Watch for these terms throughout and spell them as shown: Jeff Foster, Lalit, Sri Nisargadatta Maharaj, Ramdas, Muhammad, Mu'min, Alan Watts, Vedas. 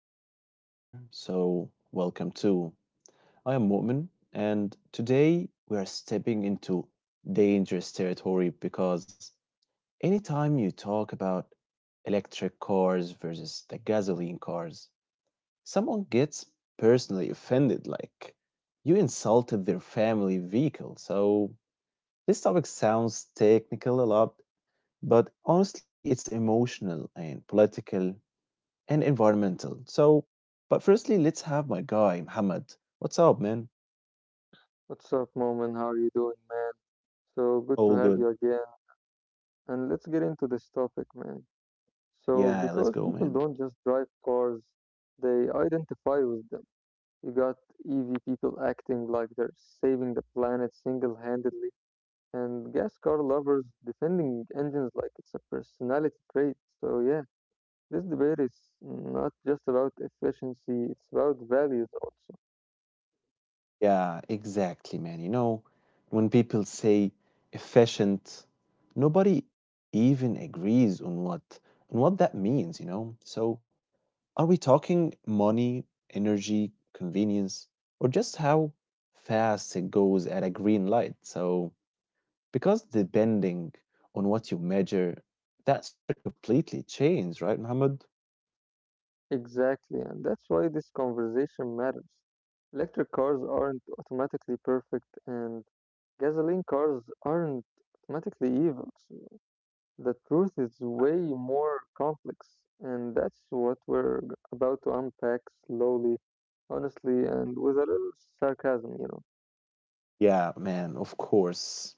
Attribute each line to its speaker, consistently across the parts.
Speaker 1: first time here, welcome too. I am Mu'min, and today we are stepping into dangerous territory because anytime you talk about electric cars versus the gasoline cars, someone gets personally offended, like you insulted their family vehicle. So this topic sounds technical a lot, but honestly, it's emotional and political and environmental. But firstly, let's have my guy, Muhammad. What's up, man?
Speaker 2: What's up, Moment? How are you doing, man? So good to
Speaker 1: All
Speaker 2: have
Speaker 1: good.
Speaker 2: you again. And let's get into this topic, man.
Speaker 1: Yeah,
Speaker 2: So,
Speaker 1: let's go,
Speaker 2: because
Speaker 1: man.
Speaker 2: people don't just drive cars, they identify with them. You got EV people acting like they're saving the planet single handedly, and gas car lovers defending engines like it's a personality trait. So, yeah, this debate is not just about efficiency, it's about values also.
Speaker 1: Yeah, exactly, man. When people say efficient, nobody even agrees on what that means, you know? So, are we talking money, energy, convenience, or just how fast it goes at a green light? Because depending on what you measure, that's a completely change, right, Mohammed?
Speaker 2: Exactly, and that's why this conversation matters. Electric cars aren't automatically perfect, and gasoline cars aren't automatically evil. So, the truth is way more complex, and that's what we're about to unpack slowly, honestly, and with a little sarcasm, you know.
Speaker 1: Yeah, man, of course.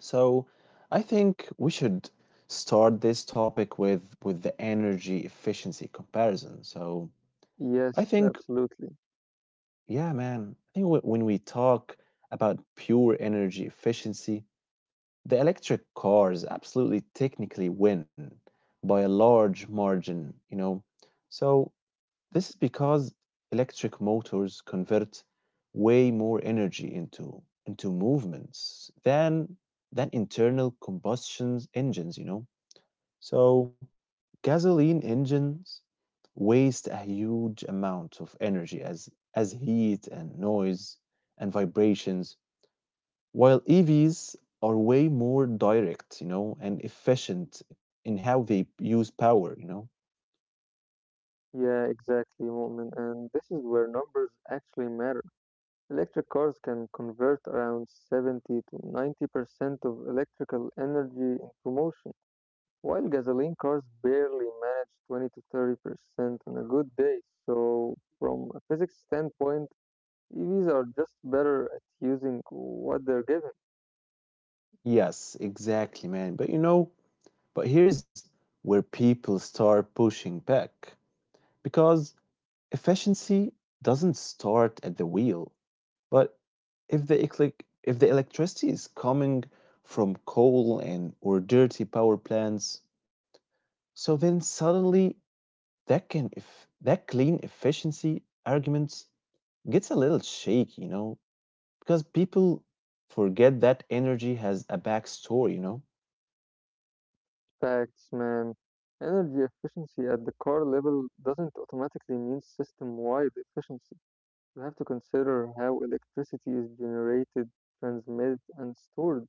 Speaker 1: So I think we should start this topic with the energy efficiency comparison. So
Speaker 2: Yes,
Speaker 1: I think,
Speaker 2: absolutely.
Speaker 1: yeah, man, I think when we talk about pure energy efficiency, the electric cars absolutely technically win by a large margin, you know. So this is because electric motors convert way more energy into movements than internal combustion engines, you know. So gasoline engines waste a huge amount of energy as heat and noise and vibrations, while EVs are way more direct, you know, and efficient in how they use power, you know.
Speaker 2: Yeah, exactly, Mu'min. And this is where numbers actually matter. Electric cars can convert around 70 to 90% of electrical energy into motion, while gasoline cars barely manage 20 to 30% on a good day. So, from a physics standpoint, EVs are just better at using what they're given.
Speaker 1: Yes, exactly, man. But here's where people start pushing back because efficiency doesn't start at the wheel. But if the electricity is coming from coal and or dirty power plants, so then suddenly that can if that clean efficiency argument gets a little shaky, you know, because people forget that energy has a backstory, you know.
Speaker 2: Facts, man. Energy efficiency at the car level doesn't automatically mean system wide efficiency. You have to consider how electricity is generated, transmitted, and stored,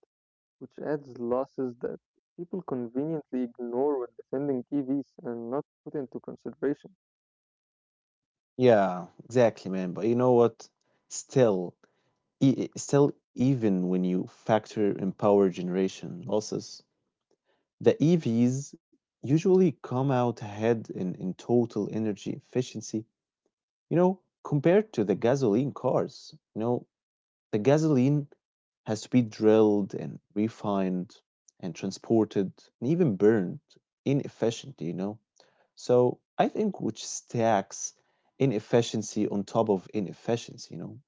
Speaker 2: which adds losses that people conveniently ignore when defending EVs and not put into consideration.
Speaker 1: Yeah, exactly, man. But you know what? Still, even when you factor in power generation losses, the EVs usually come out ahead in total energy efficiency, you know, compared to the gasoline cars. You know, the gasoline has to be drilled and refined and transported and even burned inefficient, you know. So I think which stacks inefficiency on top of inefficiency, you know.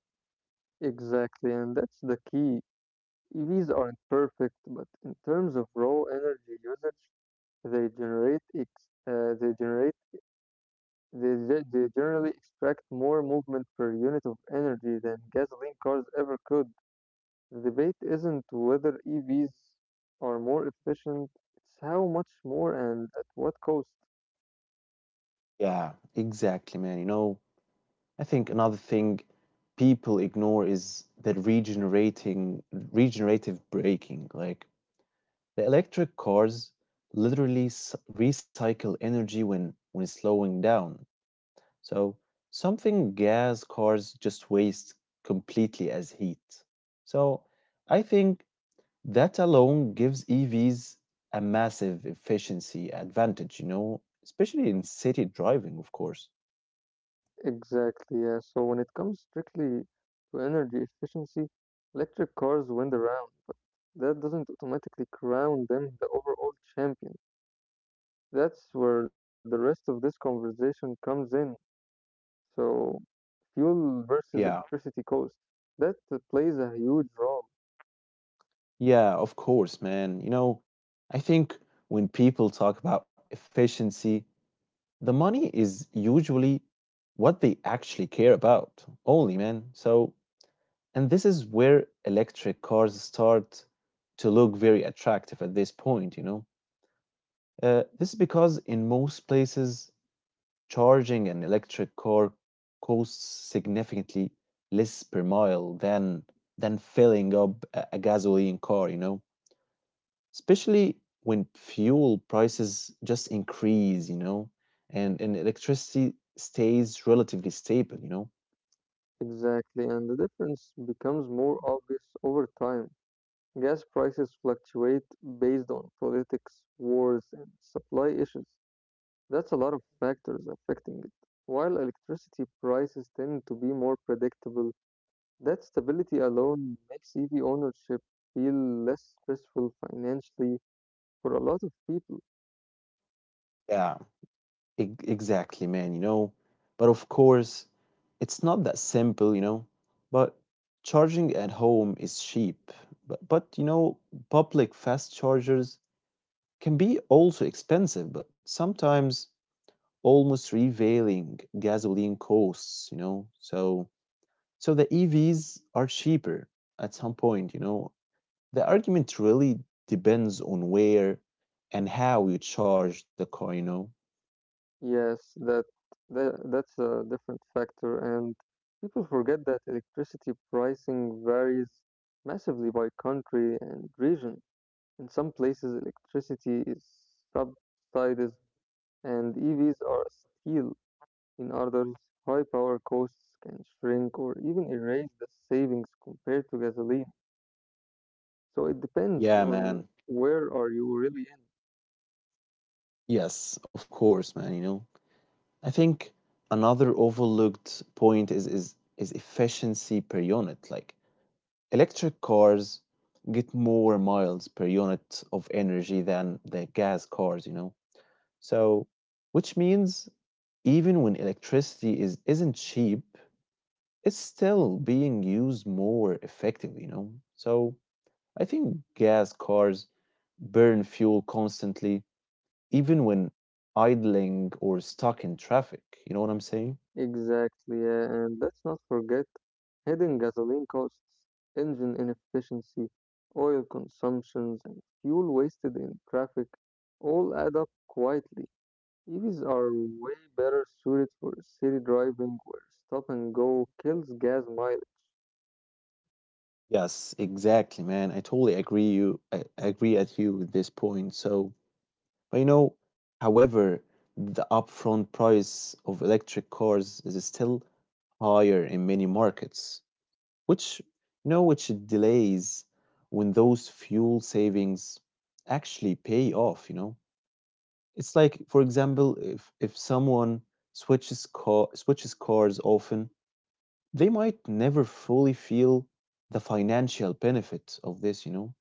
Speaker 2: Exactly, and that's the key. EVs aren't perfect, but in terms of raw energy usage, they generate ex- they generate they, ge- they generally extract more movement per unit of energy than gasoline cars ever could. The debate isn't whether EVs are more efficient, it's how much more and at what cost.
Speaker 1: Yeah, exactly, man. I think another thing people ignore is the regenerating regenerative braking. Like the electric cars recycle energy when slowing down. So something gas cars just waste completely as heat. So I think that alone gives EVs a massive efficiency advantage, you know, especially in city driving, of course.
Speaker 2: Exactly, yeah. So when it comes strictly to energy efficiency, electric cars win the round. That doesn't automatically crown them the overall champion. That's where the rest of this conversation comes in. So fuel versus
Speaker 1: Yeah,
Speaker 2: electricity cost, that plays a huge role.
Speaker 1: yeah, of course, man. I think when people talk about efficiency, the money is usually what they actually care about only, man. So, and this is where electric cars start to look very attractive at this point, you know. This is because in most places, charging an electric car costs significantly less per mile than filling up a gasoline car, you know, especially when fuel prices just increase, you know, and electricity stays relatively stable, you know.
Speaker 2: Exactly, and the difference becomes more obvious over time. Gas prices fluctuate based on politics, wars, and supply issues. That's a lot of factors affecting it. While electricity prices tend to be more predictable, that stability alone makes EV ownership feel less stressful financially for a lot of people.
Speaker 1: Yeah. Exactly, man, you know. But of course, it's not that simple, you know. But charging at home is cheap. But you know, public fast chargers can be also expensive, but sometimes almost revealing gasoline costs, you know. So the EVs are cheaper at some point, you know. The argument really depends on where and how you charge the car, you know.
Speaker 2: Yes, that's a different factor, and people forget that electricity pricing varies massively by country and region. In some places, electricity is subsidized, and EVs are a steal. In others, high power costs can shrink or even erase the savings compared to gasoline. So it depends
Speaker 1: Yeah,
Speaker 2: on
Speaker 1: man.
Speaker 2: where are you really in.
Speaker 1: Yes, of course, man, you know. I think another overlooked point is efficiency per unit. Like electric cars get more miles per unit of energy than the gas cars, you know. So, which means even when electricity is isn't cheap, it's still being used more effectively, you know. So, I think gas cars burn fuel constantly even when idling or stuck in traffic. You know what I'm saying?
Speaker 2: Exactly, yeah, and let's not forget hidden gasoline costs, engine inefficiency, oil consumptions, and fuel wasted in traffic all add up quietly. EVs are way better suited for city driving where stop and go kills gas mileage.
Speaker 1: Yes, exactly, man. I agree at you with this point. But you know, however, the upfront price of electric cars is still higher in many markets, which which delays when those fuel savings actually pay off, you know. It's like, for example, if someone switches cars often, they might never fully feel the financial benefit of this, you know.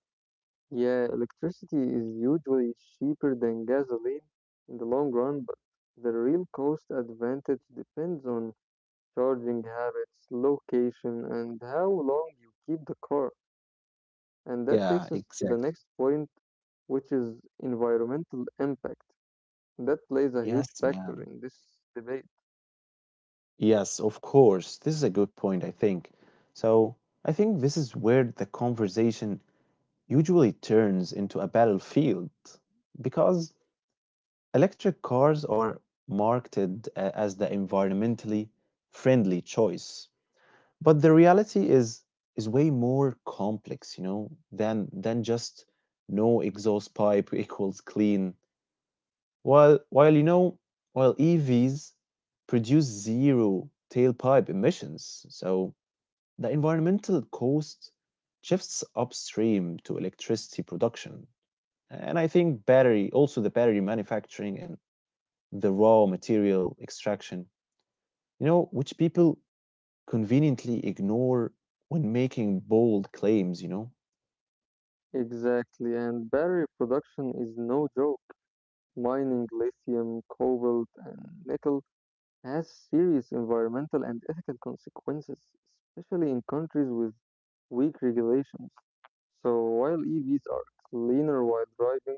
Speaker 2: Yeah, electricity is usually cheaper than gasoline in the long run, but the real cost advantage depends on charging habits, location, and how long you keep the car. And that
Speaker 1: Yeah,
Speaker 2: takes us to the
Speaker 1: exactly.
Speaker 2: next point, which is environmental impact. That plays a huge
Speaker 1: Yes, man.
Speaker 2: factor in this debate.
Speaker 1: Yes, of course, this is a good point, I think. So I think this is where the conversation usually turns into a battlefield because electric cars are marketed as the environmentally friendly choice, but the reality is way more complex, you know, than just no exhaust pipe equals clean. While while you know, while EVs produce zero tailpipe emissions, so the environmental cost shifts upstream to electricity production. And I think battery manufacturing and the raw material extraction, you know, which people conveniently ignore when making bold claims, you know?
Speaker 2: Exactly, and battery production is no joke. Mining lithium, cobalt, and nickel has serious environmental and ethical consequences, especially in countries with weak regulations. So while EVs are cleaner while driving,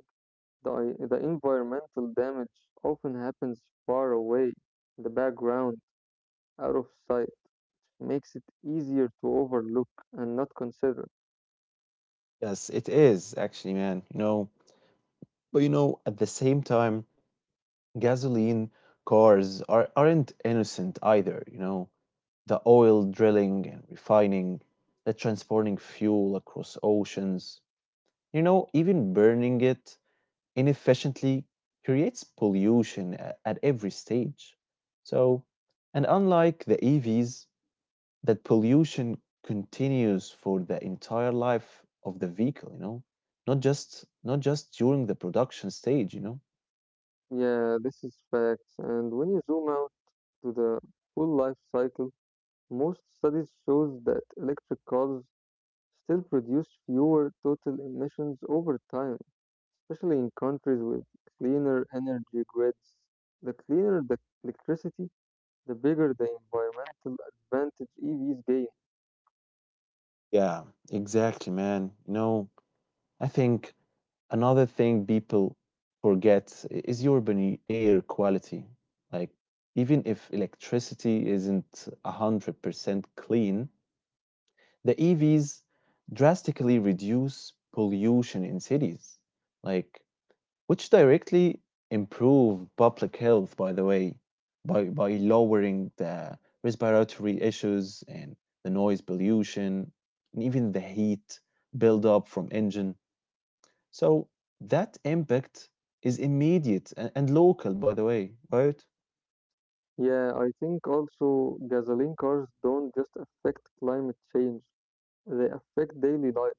Speaker 2: the environmental damage often happens far away, in the background, out of sight, makes it easier to overlook and not consider.
Speaker 1: Yes, it is actually, man, you know. But you know, at the same time, gasoline aren't innocent either, you know. The oil drilling and refining, the transporting fuel across oceans, you know, even burning it inefficiently creates pollution at every stage. So, and unlike the EVs, that pollution continues for the entire life of the vehicle, you know, not just during the production stage, you know.
Speaker 2: Yeah, this is facts. And when you zoom out to the full life cycle, most studies shows that electric cars still produce fewer total emissions over time, especially in countries with cleaner energy grids. The cleaner the electricity, the bigger the environmental advantage EVs gain.
Speaker 1: Yeah, exactly, man. You know, I think another thing people forget is urban air quality. Like, even if electricity isn't 100% clean, the EVs drastically reduce pollution in cities, like, which directly improve public health, by the way, by lowering the respiratory issues and the noise pollution and even the heat buildup from engine. So that impact is immediate and local, by the way, right?
Speaker 2: Yeah, I think also gasoline cars don't just affect climate change, they affect daily life.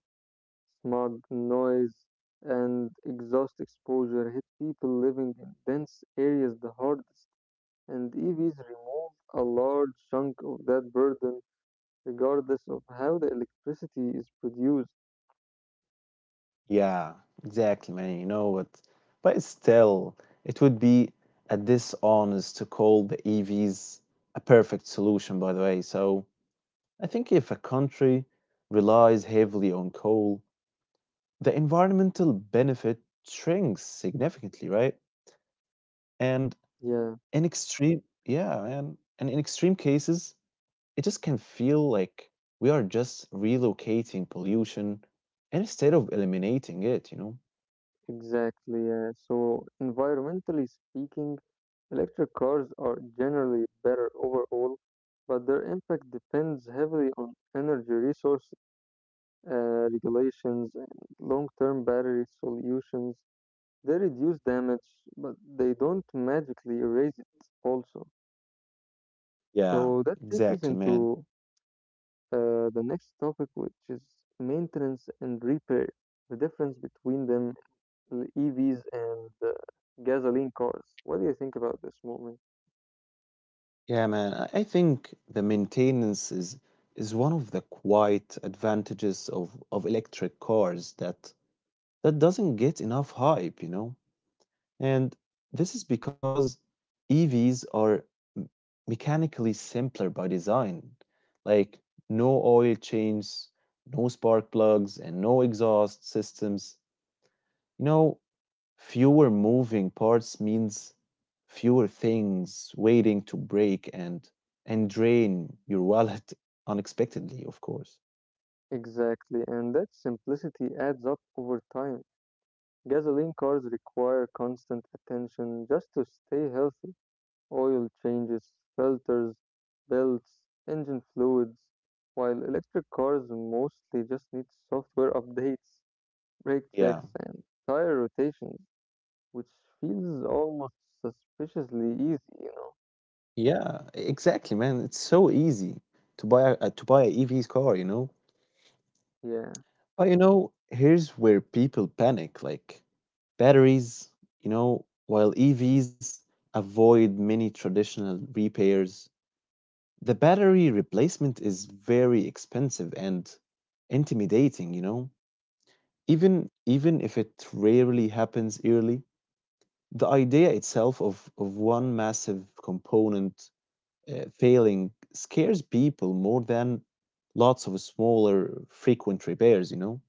Speaker 2: Smog, noise, and exhaust exposure hit people living in dense areas the hardest, and EVs remove a large chunk of that burden regardless of how the electricity is produced.
Speaker 1: Yeah, exactly, man. You know what? But still, it would be a dishonest to call the EVs a perfect solution, by the way. So I think if a country relies heavily on coal, the environmental benefit shrinks significantly, right? And
Speaker 2: Yeah,
Speaker 1: yeah, man. And in extreme cases, it just can feel like we are just relocating pollution instead of eliminating it, you know?
Speaker 2: exactly. Yeah. So, environmentally speaking, electric cars are generally better overall, but their impact depends heavily on energy resource regulations and long term battery solutions. They reduce damage, but they don't magically erase it, also.
Speaker 1: Yeah,
Speaker 2: So, that takes us
Speaker 1: exactly, man.
Speaker 2: into the next topic, which is maintenance and repair, the difference between them, the EVs and gasoline cars. What do you think about this moment?
Speaker 1: Yeah, man. I think the maintenance is one of the quiet advantages of electric cars that doesn't get enough hype, you know. And this is because EVs are m- mechanically simpler by design. Like no oil changes, no spark plugs, and no exhaust systems. You know, fewer moving parts means fewer things waiting to break and drain your wallet unexpectedly, of course.
Speaker 2: Exactly, and that simplicity adds up over time. Gasoline cars require constant attention just to stay healthy. Oil changes, filters, belts, engine fluids, while electric cars mostly just need software updates, brake
Speaker 1: Yeah,
Speaker 2: checks, and tire rotations, which feels almost suspiciously easy, you know.
Speaker 1: yeah, exactly, man. It's so easy to to buy a EV's car, you know.
Speaker 2: Yeah,
Speaker 1: But you know, here's where people panic, like batteries. You know, while EVs avoid many traditional repairs, the battery replacement is very expensive and intimidating, you know. Even if it rarely happens early, the idea itself of one massive component failing scares people more than lots of smaller frequent repairs, you know?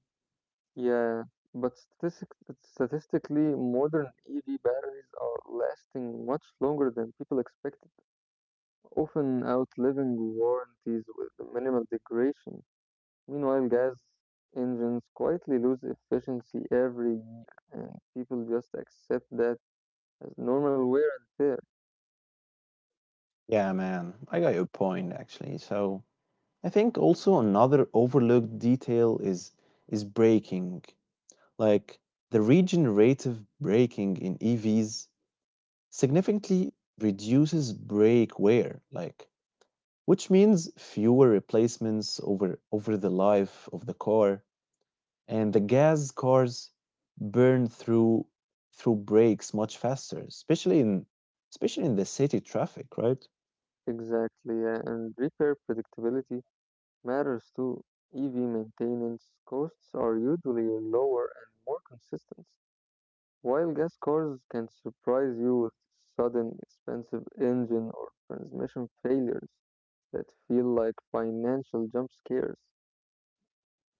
Speaker 2: yeah. But statistically, modern EV batteries are lasting much longer than people expected, often outliving warranties with minimal degradation. Meanwhile, gas engines quietly lose efficiency every year, and people just accept that as normal wear and tear.
Speaker 1: Yeah, man, I got your point actually. So I think also another overlooked detail is braking. Like the regenerative braking in EVs significantly reduces brake wear. Like which means fewer replacements over the life of the car, and the gas cars burn through brakes much faster, especially in the city traffic, right?
Speaker 2: Exactly, yeah. And repair predictability matters too. EV maintenance costs are usually lower and more consistent, while gas cars can surprise you with sudden expensive engine or transmission failures that feel like financial jump scares.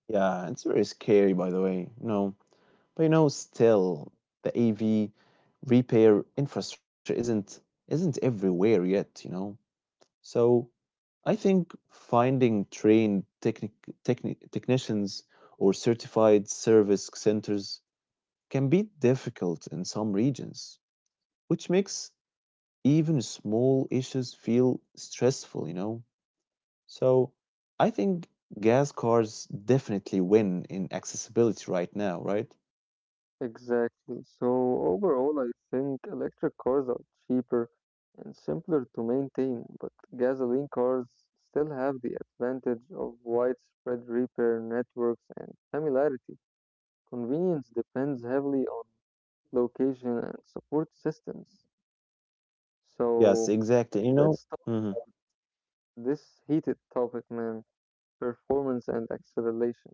Speaker 1: Yeah, it's very scary by the way. No, but you know, still the av repair infrastructure isn't everywhere yet, you know. So I think finding trained technicians or certified service centers can be difficult in some regions, which makes even small issues feel stressful, you know? So I think gas cars definitely win in accessibility right now, right?
Speaker 2: Exactly. So overall, I think electric cars are cheaper and simpler to maintain, but gasoline cars still have the advantage of widespread repair networks and familiarity. Convenience depends heavily on location and support systems.
Speaker 1: Yes,
Speaker 2: So
Speaker 1: exactly. You know,
Speaker 2: let's talk
Speaker 1: hmm
Speaker 2: this heated topic, man. Performance and acceleration.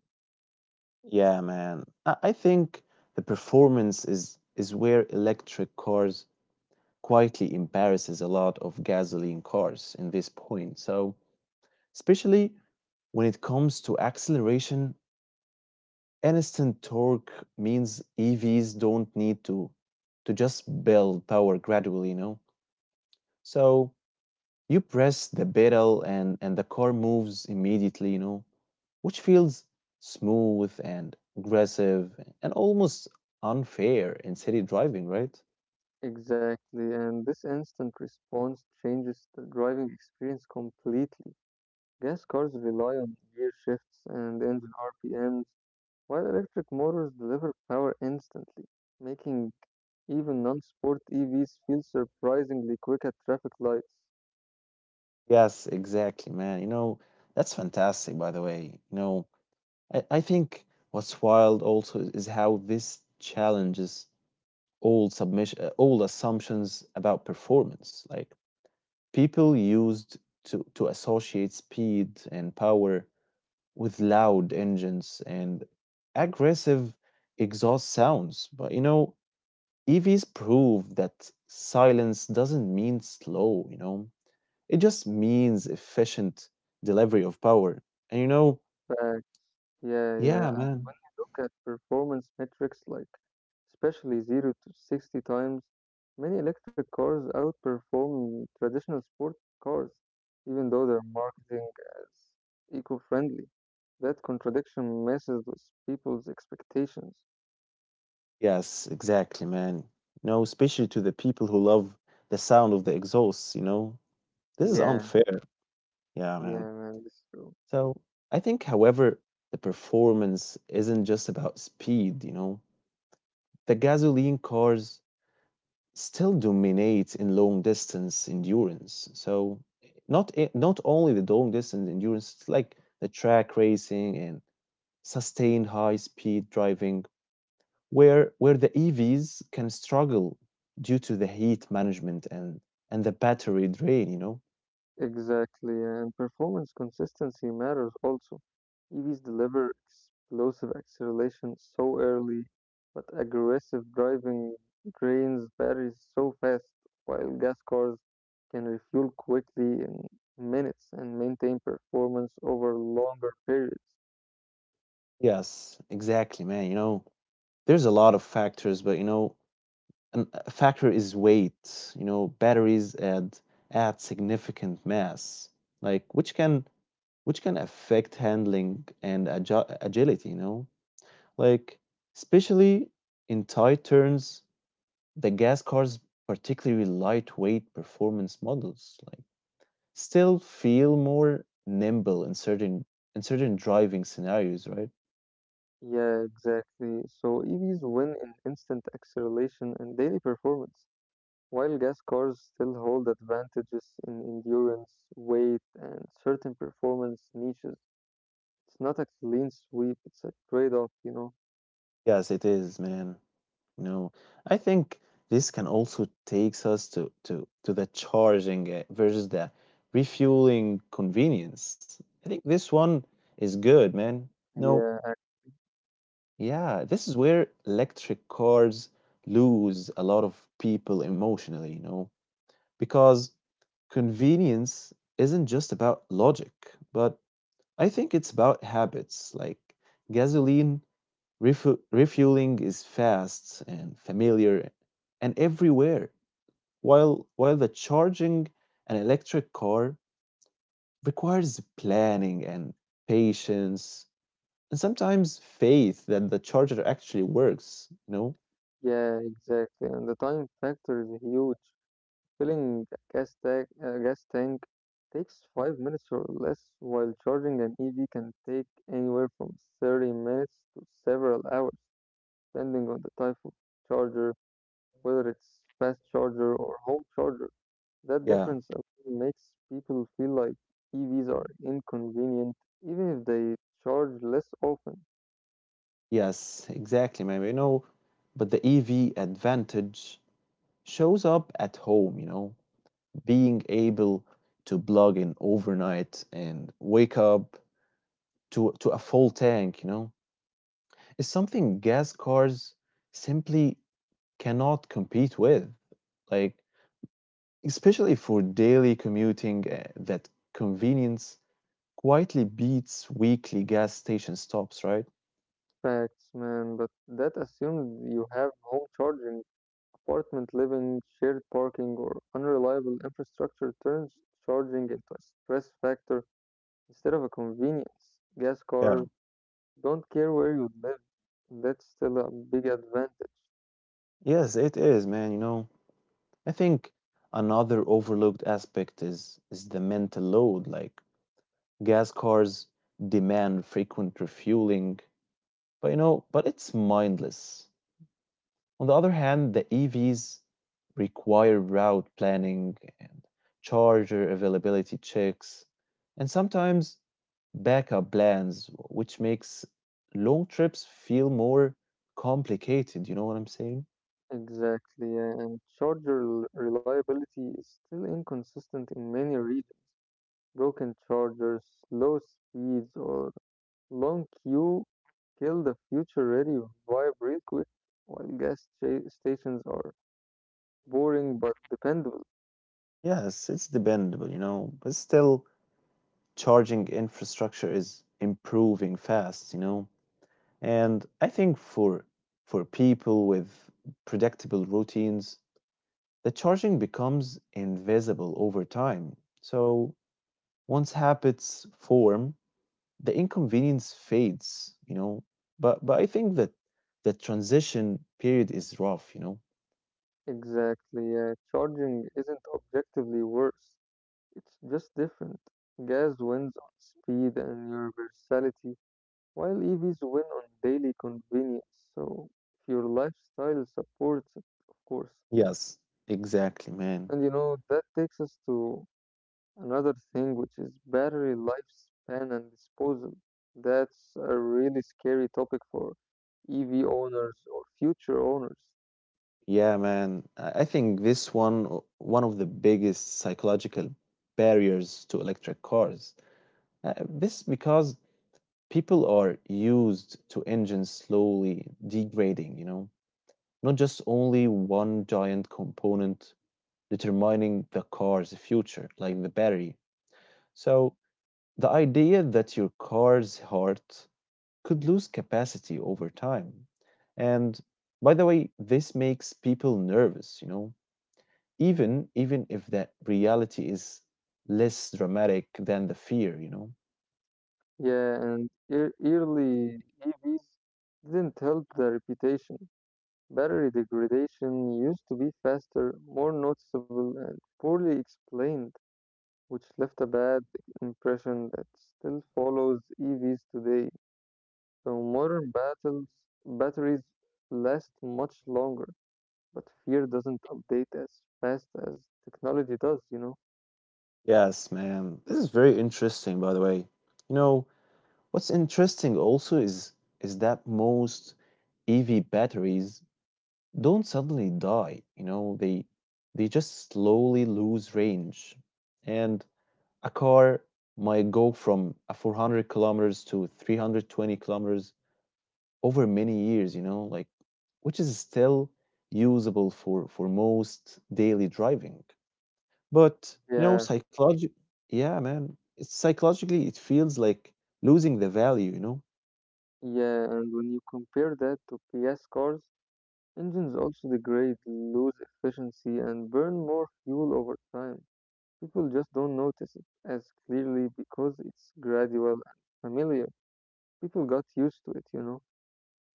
Speaker 1: Yeah, man. I think the performance is where electric cars quietly embarrasses a lot of gasoline cars in this point. So, especially when it comes to acceleration, instant torque means EVs don't need to just build power gradually, you know. So you press the pedal and the car moves immediately, you know, which feels smooth and aggressive and almost unfair in city driving, right?
Speaker 2: Exactly, and this instant response changes the driving experience completely. Gas cars rely on gear shifts and engine RPMs, while electric motors deliver power instantly, making even non sport EVs feel surprisingly quick at traffic lights.
Speaker 1: Yes, exactly, man. You know, that's fantastic, by the way. You know, I think what's wild also is how this challenges old assumptions about performance. Like people used to associate speed and power with loud engines and aggressive exhaust sounds. But you know, EVs prove that silence doesn't mean slow. You know, it just means efficient delivery of power. And you know,
Speaker 2: Fact. Yeah, yeah.
Speaker 1: yeah, man.
Speaker 2: Look at performance metrics like, especially 0 to 60 times, many electric cars outperform traditional sport cars, even though they're marketing as eco-friendly. That contradiction messes with people's expectations.
Speaker 1: Yes, exactly, man. No, especially to the people who love the sound of the exhausts, you know? This is
Speaker 2: Yeah,
Speaker 1: unfair. Yeah, man.
Speaker 2: yeah, man, this is true.
Speaker 1: So I think, however, the performance isn't just about speed, you know? The gasoline cars still dominate in long distance endurance. So not only the long distance endurance, it's like the track racing and sustained high speed driving where the EVs can struggle due to the heat management and the battery drain, you know.
Speaker 2: Exactly, and performance consistency matters also. EVs deliver explosive acceleration so early, but aggressive driving drains batteries so fast, while gas cars can refuel quickly in minutes and maintain performance over longer periods.
Speaker 1: Yes, exactly, man. You know, there's a lot of factors, but you know, a factor is weight. You know, batteries add significant mass, like which can affect handling and agility. You know, like especially in tight turns, the gas cars, particularly lightweight performance models, like, still feel more nimble in certain driving scenarios, right?
Speaker 2: Yeah, exactly. So EVs win in instant acceleration and daily performance. While gas cars still hold advantages in endurance, weight, and certain performance niches, it's not a clean sweep, it's a trade-off, you know?
Speaker 1: Yes, it is, man. You know, I think this can also takes us to the charging versus the refueling convenience. I think this one is good, man. No,
Speaker 2: Yeah,
Speaker 1: yeah, this is where electric cars lose a lot of people emotionally, you know, because convenience isn't just about logic, but I think it's about habits. Like gasoline, refueling is fast and familiar and everywhere, while the charging an electric car requires planning and patience and sometimes faith that the charger actually works, you know?
Speaker 2: yeah, exactly. And the time factor is huge. Filling a gas tank takes 5 minutes or less, while charging an EV can take anywhere from 30 minutes to several hours, depending on the type of charger, whether it's fast charger or home charger. That
Speaker 1: Yeah.
Speaker 2: difference alone makes people feel like EVs are inconvenient, even if they charge less often.
Speaker 1: Yes, exactly, man. You know, but the EV advantage shows up at home, you know, being able to plug in overnight and wake up to a full tank, you know, is something gas cars simply cannot compete with. Like especially for daily commuting, that convenience quietly beats weekly gas station stops, right?
Speaker 2: Facts, man, but that assumes you have home charging, apartment living, shared parking, or unreliable infrastructure turns charging into a stress factor instead of a convenience. Gas
Speaker 1: Yeah.
Speaker 2: cars don't care where you live, that's still a big advantage.
Speaker 1: Yes, it is, man, you know. I think another overlooked aspect is the mental load. Like gas cars demand frequent refueling, but you know, but it's mindless. On the other hand, the EVs require route planning and charger availability checks, and sometimes backup plans, which makes long trips feel more complicated. You know what I'm saying?
Speaker 2: Exactly, yeah, and reliability is still inconsistent in many regions. Broken chargers, slow speeds, or long queue kill the future-ready vibe real quick, while stations are boring but dependable.
Speaker 1: Yes, it's dependable, you know, but still, charging infrastructure is improving fast, you know. And I think for people with predictable routines, the charging becomes invisible over time. So once habits form, the inconvenience fades, you know. But I think that the transition period is rough, you know.
Speaker 2: Exactly, yeah. Charging isn't objectively worse. It's just different. Gas wins on speed and universality, while EVs win on daily convenience. So, if your lifestyle supports it, of course.
Speaker 1: Yes, exactly, man.
Speaker 2: And you know, that takes us to another thing which is battery lifespan and disposal. That's a really scary topic for EV owners or future owners.
Speaker 1: Yeah, man, I think this one, one of the biggest psychological barriers to electric cars. Uh, this is because people are used to engines slowly degrading, you know, not just only one giant component determining the car's future, like the battery. So the idea that your car's heart could lose capacity over time. And by the way, this makes people nervous, you know, even if that reality is less dramatic than the fear, you know.
Speaker 2: Yeah, and early EVs didn't help their reputation. Battery degradation used to be faster, more noticeable, and poorly explained, which left a bad impression that still follows EVs today. So modern batteries last much longer. But fear doesn't update as fast as technology does, you know?
Speaker 1: Yes, man, this is very interesting, by the way. You know, what's interesting also is that most EV batteries don't suddenly die, you know, they just slowly lose range. And a car might go from a 400 kilometers to 320 kilometers over many years, you know, like, which is still usable for most daily driving, but, you know,
Speaker 2: Yeah,
Speaker 1: psychology. Yeah, man, it's psychologically it feels like losing the value, you know.
Speaker 2: yeah, and when you compare that to PS cars, engines also degrade, lose efficiency, and burn more fuel over time. People just don't notice it as clearly because it's gradual and familiar. People got used to it, you know?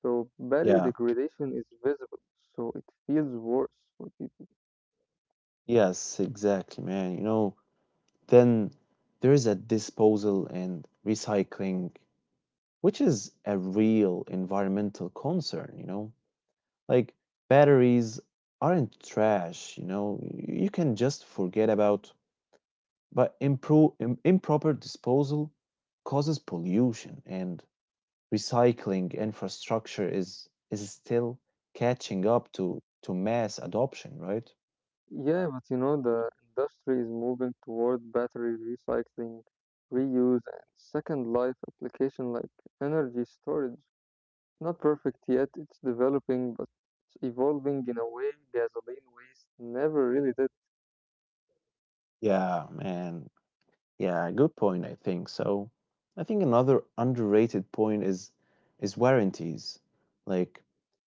Speaker 2: So battery
Speaker 1: Yeah.
Speaker 2: degradation is visible, so it feels worse. When people.
Speaker 1: Yes, exactly, man, you know. Then there is a disposal and recycling, which is a real environmental concern, you know? Like batteries aren't trash, you know? You can just forget about, but improper disposal causes pollution and recycling infrastructure is still catching up to mass adoption, right?
Speaker 2: Yeah, but you know, the industry is moving toward battery recycling, reuse, and second life application like energy storage, not perfect yet, it's developing, but it's evolving in a way gasoline waste never really did.
Speaker 1: Yeah, man. Yeah, good point, I think. So, I think another underrated point is warranties. Like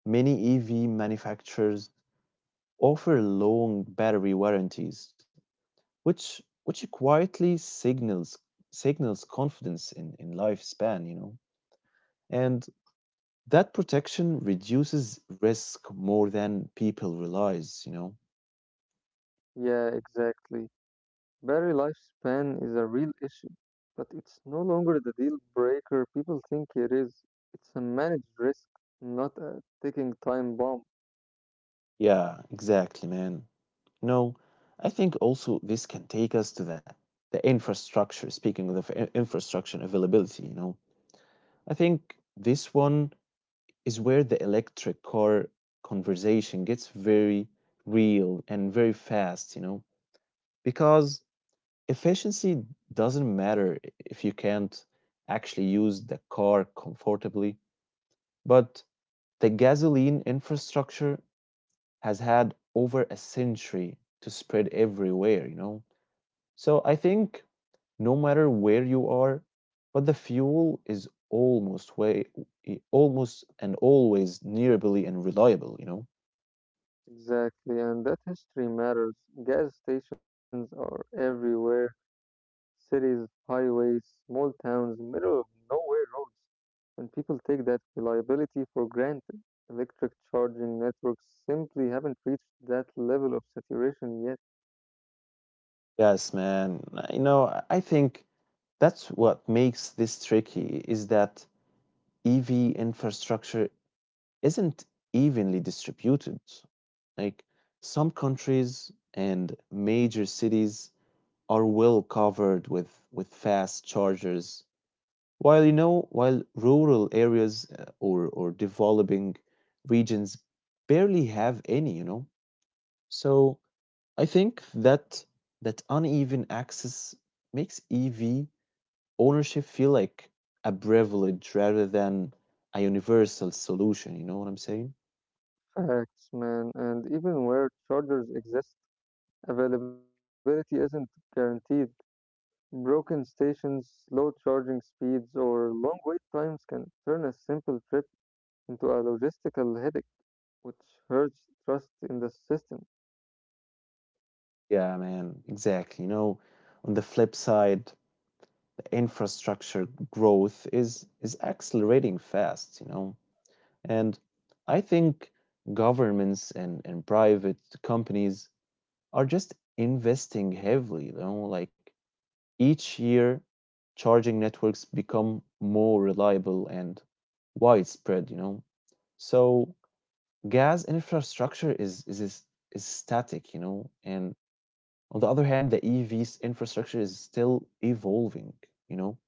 Speaker 1: many EV manufacturers offer long battery warranties, which quietly signals confidence in lifespan, you know. And that protection reduces risk more than people realize, you know.
Speaker 2: Yeah, exactly. Battery lifespan is a real issue, but it's no longer the deal breaker people think it is. It's a managed risk, not a ticking time bomb.
Speaker 1: Yeah, exactly, man. No, I think also this can take us to the infrastructure. Speaking of the infrastructure and availability, you know, I think this one is where the electric car conversation gets very real and very fast, you know, because efficiency doesn't matter if you can't actually use the car comfortably, but the gasoline infrastructure has had over a century to spread everywhere, you know. So I think no matter where you are, but the fuel is almost way almost and always nearly and reliable, you know?
Speaker 2: Exactly, and that history matters. Gas stations are everywhere, cities, highways, small towns, middle of nowhere roads. And people take that reliability for granted. Electric charging networks simply haven't reached that level of saturation yet.
Speaker 1: Yes, man. You know, I think that's what makes this tricky is that EV infrastructure isn't evenly distributed. Like some countries and major cities are well covered with fast chargers, while, you know, while rural areas, or developing regions barely have any, you know. So I think that that uneven access makes EV ownership feel like a privilege rather than a universal solution. You know what I'm saying?
Speaker 2: Facts, man. And even where chargers exist, availability isn't guaranteed. Broken stations, slow charging speeds, or long wait times can turn a simple trip into a logistical headache, which hurts trust in the system.
Speaker 1: Yeah, man, exactly. You know, on the flip side, the infrastructure growth is accelerating fast, you know. And I think governments and private companies are just investing heavily, you know, like each year, charging networks become more reliable and widespread, you know. So gas infrastructure is static, you know, and on the other hand, the EV's infrastructure is still evolving, you know.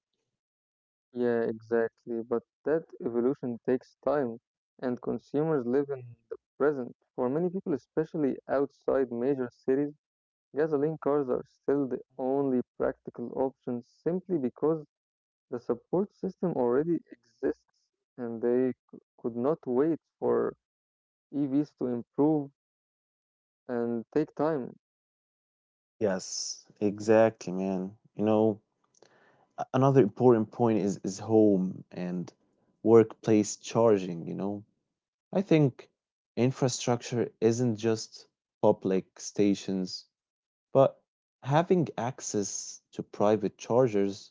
Speaker 2: Yeah, exactly. But that evolution takes time, and consumers live in the present. For many people, especially outside major cities, gasoline cars are still the only practical option simply because the support system already exists and they could not wait for EVs to improve and take time.
Speaker 1: Yes, exactly, man. You know, another important point is home and workplace charging, you know. I think infrastructure isn't just public stations, but having access to private chargers,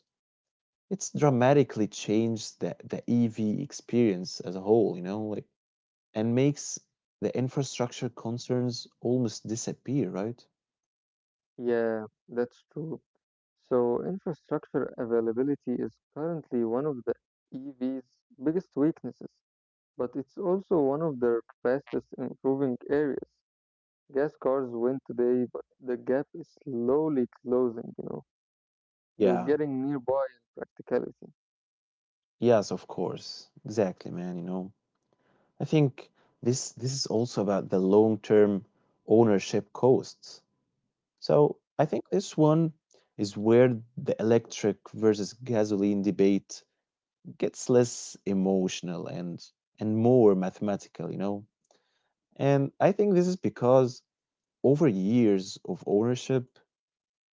Speaker 1: it's dramatically changed the EV experience as a whole, you know, like, and makes the infrastructure concerns almost disappear, right?
Speaker 2: Yeah, that's true. So, infrastructure availability is currently one of the EV's biggest weaknesses, but it's also one of their fastest improving areas. Gas cars win today, but the gap is slowly closing, you know. They're
Speaker 1: Yeah.
Speaker 2: getting nearby in practicality.
Speaker 1: Yes, of course. Exactly, man, you know. I think this is also about the long-term ownership costs. So I think this one is where the electric versus gasoline debate gets less emotional and more mathematical, you know. And I think this is because over years of ownership,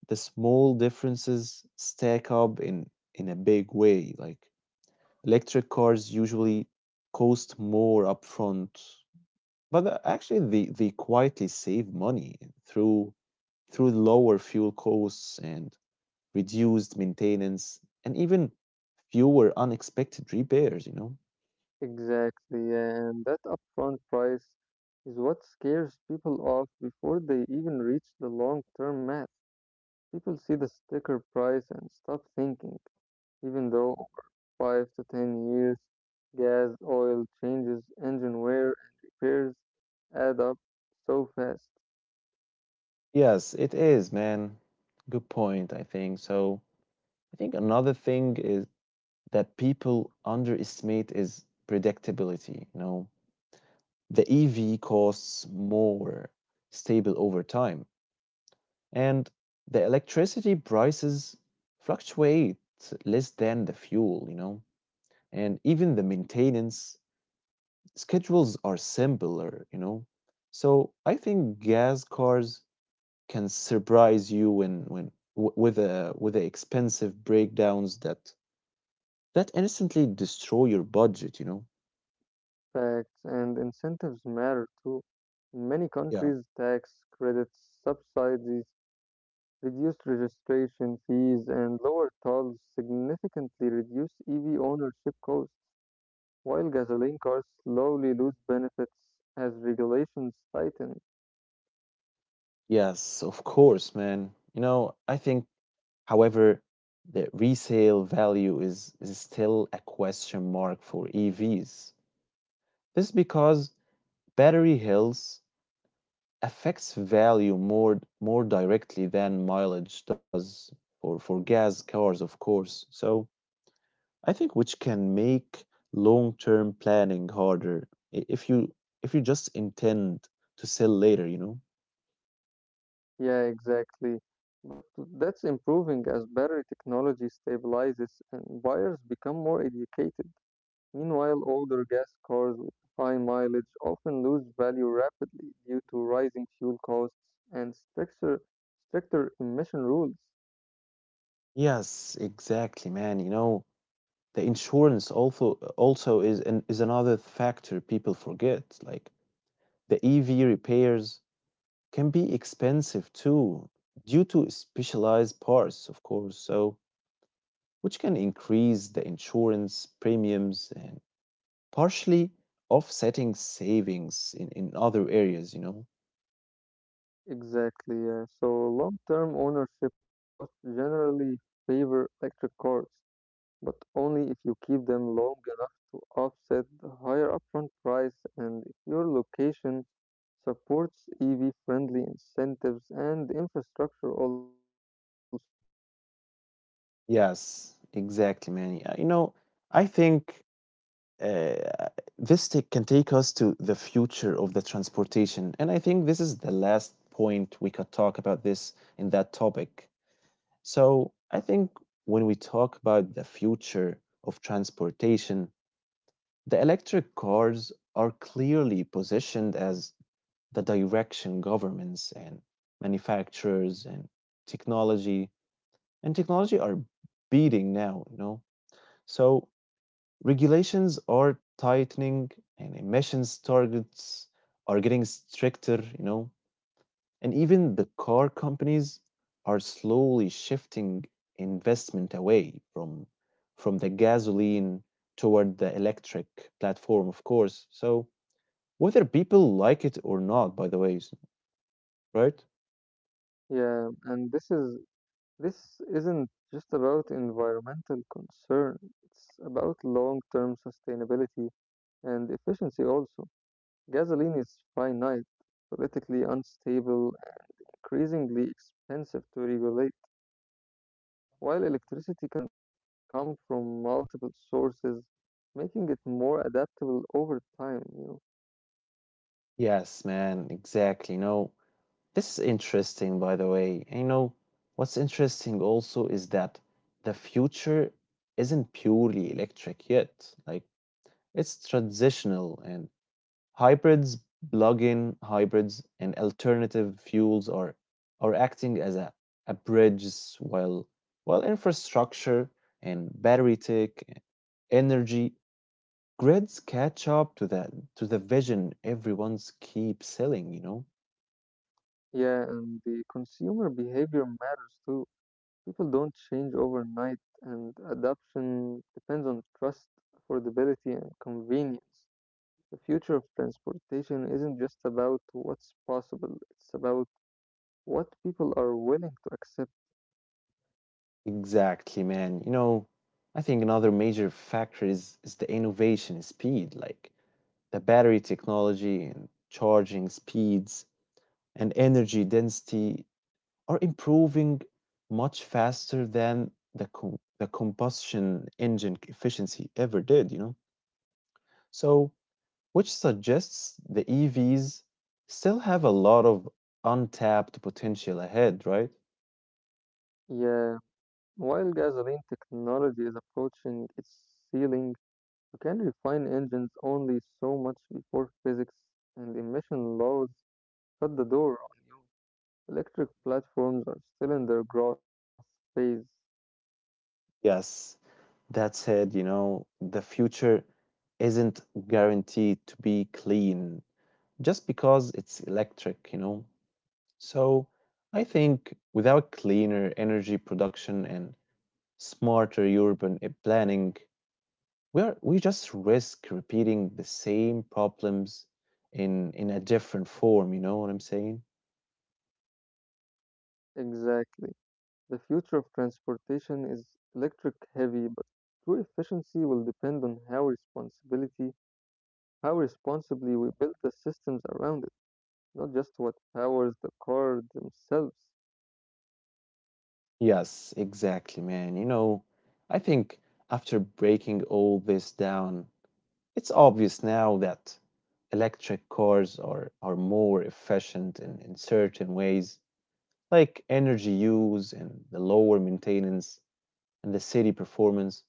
Speaker 1: the small differences stack up in a big way. Like electric cars usually cost more upfront, but actually, they quietly save money through through lower fuel costs and reduced maintenance and even fewer unexpected repairs, you know?
Speaker 2: Exactly, and that upfront price is what scares people off before they even reach the long term math. People see the sticker price and stop thinking. Even though over 5 to 10 years, gas, oil changes, engine wear, and repairs add up so fast.
Speaker 1: Yes, it is, man. Good point, I think. So, I think another thing is that people underestimate is predictability, you know? The EV costs more stable over time, and the electricity prices fluctuate less than the fuel, you know? And even the maintenance schedules are simpler, you know. So I think gas cars can surprise you when with the expensive breakdowns that instantly destroy your budget, you know.
Speaker 2: Facts and incentives matter too. In many
Speaker 1: Yeah.
Speaker 2: countries, tax credits, subsidies, reduced registration fees, and lower tolls significantly reduce EV ownership costs, while gasoline cars slowly lose benefits as regulations tighten.
Speaker 1: Yes, of course, man. You know, I think, however, the resale value is still a question mark for EVs. This is because battery health affects value more directly than mileage does for gas cars, of course. So I think which can make long-term planning harder, i- if you if you just intend to sell later, you know?
Speaker 2: Yeah, exactly. But that's improving as battery technology stabilizes and buyers become more educated. Meanwhile, older gas cars with high mileage often lose value rapidly due to rising fuel costs and stricter emission rules.
Speaker 1: Yes, exactly, man. You know, the insurance also is another factor people forget. Like the EV repairs can be expensive too, due to specialized parts, of course. So which can increase the insurance premiums and partially offsetting savings in other areas, you know?
Speaker 2: Exactly, yeah. So long-term ownership costs generally favor electric cars, but only if you keep them long enough to offset the higher upfront price and if your location supports EV friendly incentives and infrastructure also.
Speaker 1: Yes, exactly, man. Yeah. You know, I think uh, this can take us to the future of the transportation. And I think this is the last point we could talk about this in that topic. So I think when we talk about the future of transportation, the electric cars are clearly positioned as the direction governments and manufacturers technology and technology are beating now, you know. So regulations are tightening and emissions targets are getting stricter, you know, and even the car companies are slowly shifting investment away from the gasoline toward the electric platform, of course. So whether people like it or not, by the way, right?
Speaker 2: Yeah, and this isn't just about environmental concern. It's about long-term sustainability and efficiency also. Gasoline is finite, politically unstable, increasingly expensive to regulate, while electricity can come from multiple sources, making it more adaptable over time, you know.
Speaker 1: Yes, man, exactly. You know, this is interesting, by the way. And you know, what's interesting also is that the future isn't purely electric yet. Like, it's transitional, and hybrids, plug-in hybrids, and alternative fuels are acting as a bridge while while infrastructure and battery tech and energy grids catch up to the vision everyone's keep selling, you know?
Speaker 2: Yeah, and the consumer behavior matters too. People don't change overnight, and adoption depends on trust, affordability, and convenience. The future of transportation isn't just about what's possible, it's about what people are willing to accept.
Speaker 1: Exactly, man. You know, I think another major factor is the innovation speed, like the battery technology and charging speeds and energy density are improving much faster than the combustion engine efficiency ever did, you know? So, which suggests the EVs still have a lot of untapped potential ahead, right?
Speaker 2: Yeah, while gasoline technology is approaching its ceiling, you can refine engines only so much before physics and emission laws shut the door. Electric platforms are still in their growth phase.
Speaker 1: Yes, that said, you know, the future isn't guaranteed to be clean just because it's electric, you know. So I think without cleaner energy production and smarter urban planning, we just risk repeating the same problems in a different form, you know what I'm saying.
Speaker 2: Exactly. The future of transportation is electric heavy, but true efficiency will depend on how responsibly we build the systems around it, not just what powers the car themselves.
Speaker 1: Yes, exactly, man. You know, I think after breaking all this down, it's obvious now that electric cars are more efficient in certain ways, like energy use and the lower maintenance and the city performance.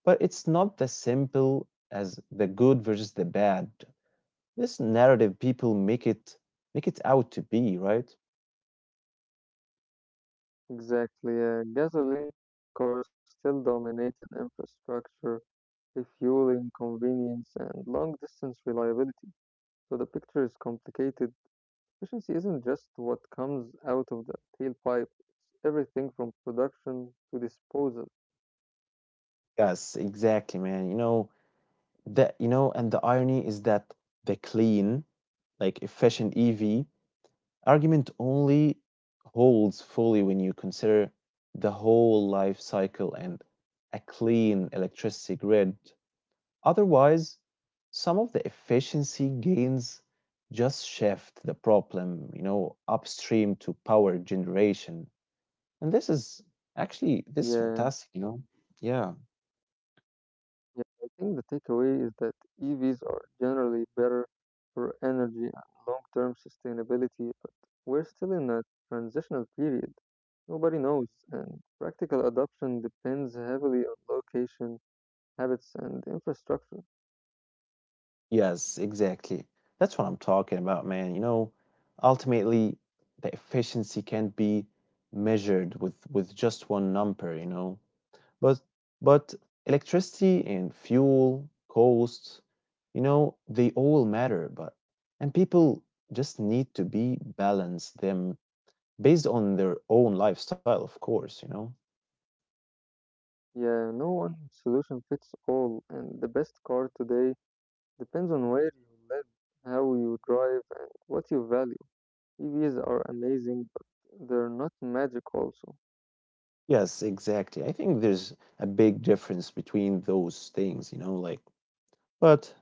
Speaker 1: But it's not as simple as the good versus the bad, this narrative people make it out to be, right?
Speaker 2: Exactly. Gasoline cars still dominate in infrastructure refueling convenience, and long distance reliability. So the picture is complicated. Efficiency isn't just what comes out of the tailpipe, it's everything from production to disposal.
Speaker 1: Yes, exactly, man. You know, and the irony is that the clean, like efficient EV argument only holds fully when you consider the whole life cycle and a clean electricity grid. Otherwise, some of the efficiency gains just shift the problem, you know, upstream to power generation. And this is actually this is
Speaker 2: Yeah,
Speaker 1: fantastic, you know. Yeah.
Speaker 2: yeah. I think the takeaway is that EVs are generally better for energy and long term sustainability, but we're still in a transitional period. Nobody knows, and practical adoption depends heavily on location, habits, and infrastructure.
Speaker 1: Yes, exactly. That's what I'm talking about, man. You know, ultimately, the efficiency can't be measured with just one number, you know. But but electricity and fuel costs, you know, they all matter, but and people just need to be balance them based on their own lifestyle, of course, you know.
Speaker 2: Yeah, no one solution fits all, and the best car today depends on where you live, how you drive, and what you value. EVs are amazing, but they're not magic also.
Speaker 1: Yes, exactly. I think there's a big difference between those things, you know, like, but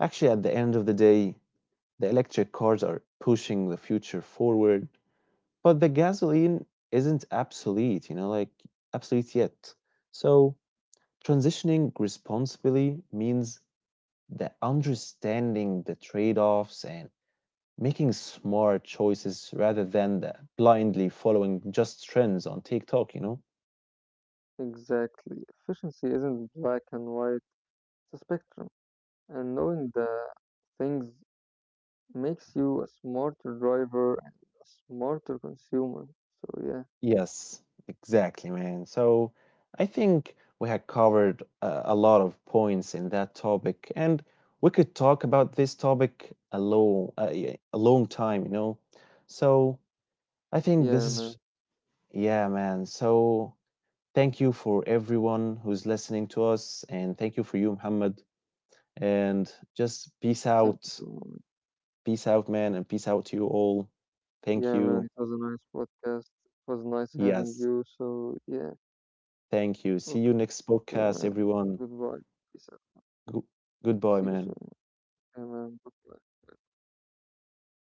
Speaker 1: actually, at the end of the day, the electric cars are pushing the future forward, but the gasoline isn't obsolete, you know, like, obsolete yet. So, transitioning responsibly means the understanding the trade-offs and making smart choices rather than the blindly following just trends on TikTok, you know?
Speaker 2: Exactly. Efficiency isn't black and white, it's a spectrum. And knowing the things makes you a smarter driver and a smarter consumer. So yeah,
Speaker 1: Yes, exactly, man. So I think we had covered a lot of points in that topic, and we could talk about this topic a long time, you know. So
Speaker 2: yeah,
Speaker 1: I
Speaker 2: man.
Speaker 1: think this is, yeah, man. So thank you for everyone who's listening to us. And thank you for you, Muhammad. And just
Speaker 2: Thank
Speaker 1: peace
Speaker 2: you
Speaker 1: out.
Speaker 2: so much.
Speaker 1: Peace out, man. And peace out to you all. Thank
Speaker 2: Yeah, man.
Speaker 1: you.
Speaker 2: It was a nice podcast. It was nice having
Speaker 1: Yes.
Speaker 2: you. So yeah.
Speaker 1: Thank you. See you
Speaker 2: Okay,
Speaker 1: next
Speaker 2: man.
Speaker 1: podcast,
Speaker 2: Goodbye.
Speaker 1: everyone.
Speaker 2: Peace out.
Speaker 1: Go-
Speaker 2: See you soon.
Speaker 1: goodbye, man.
Speaker 2: And, goodbye.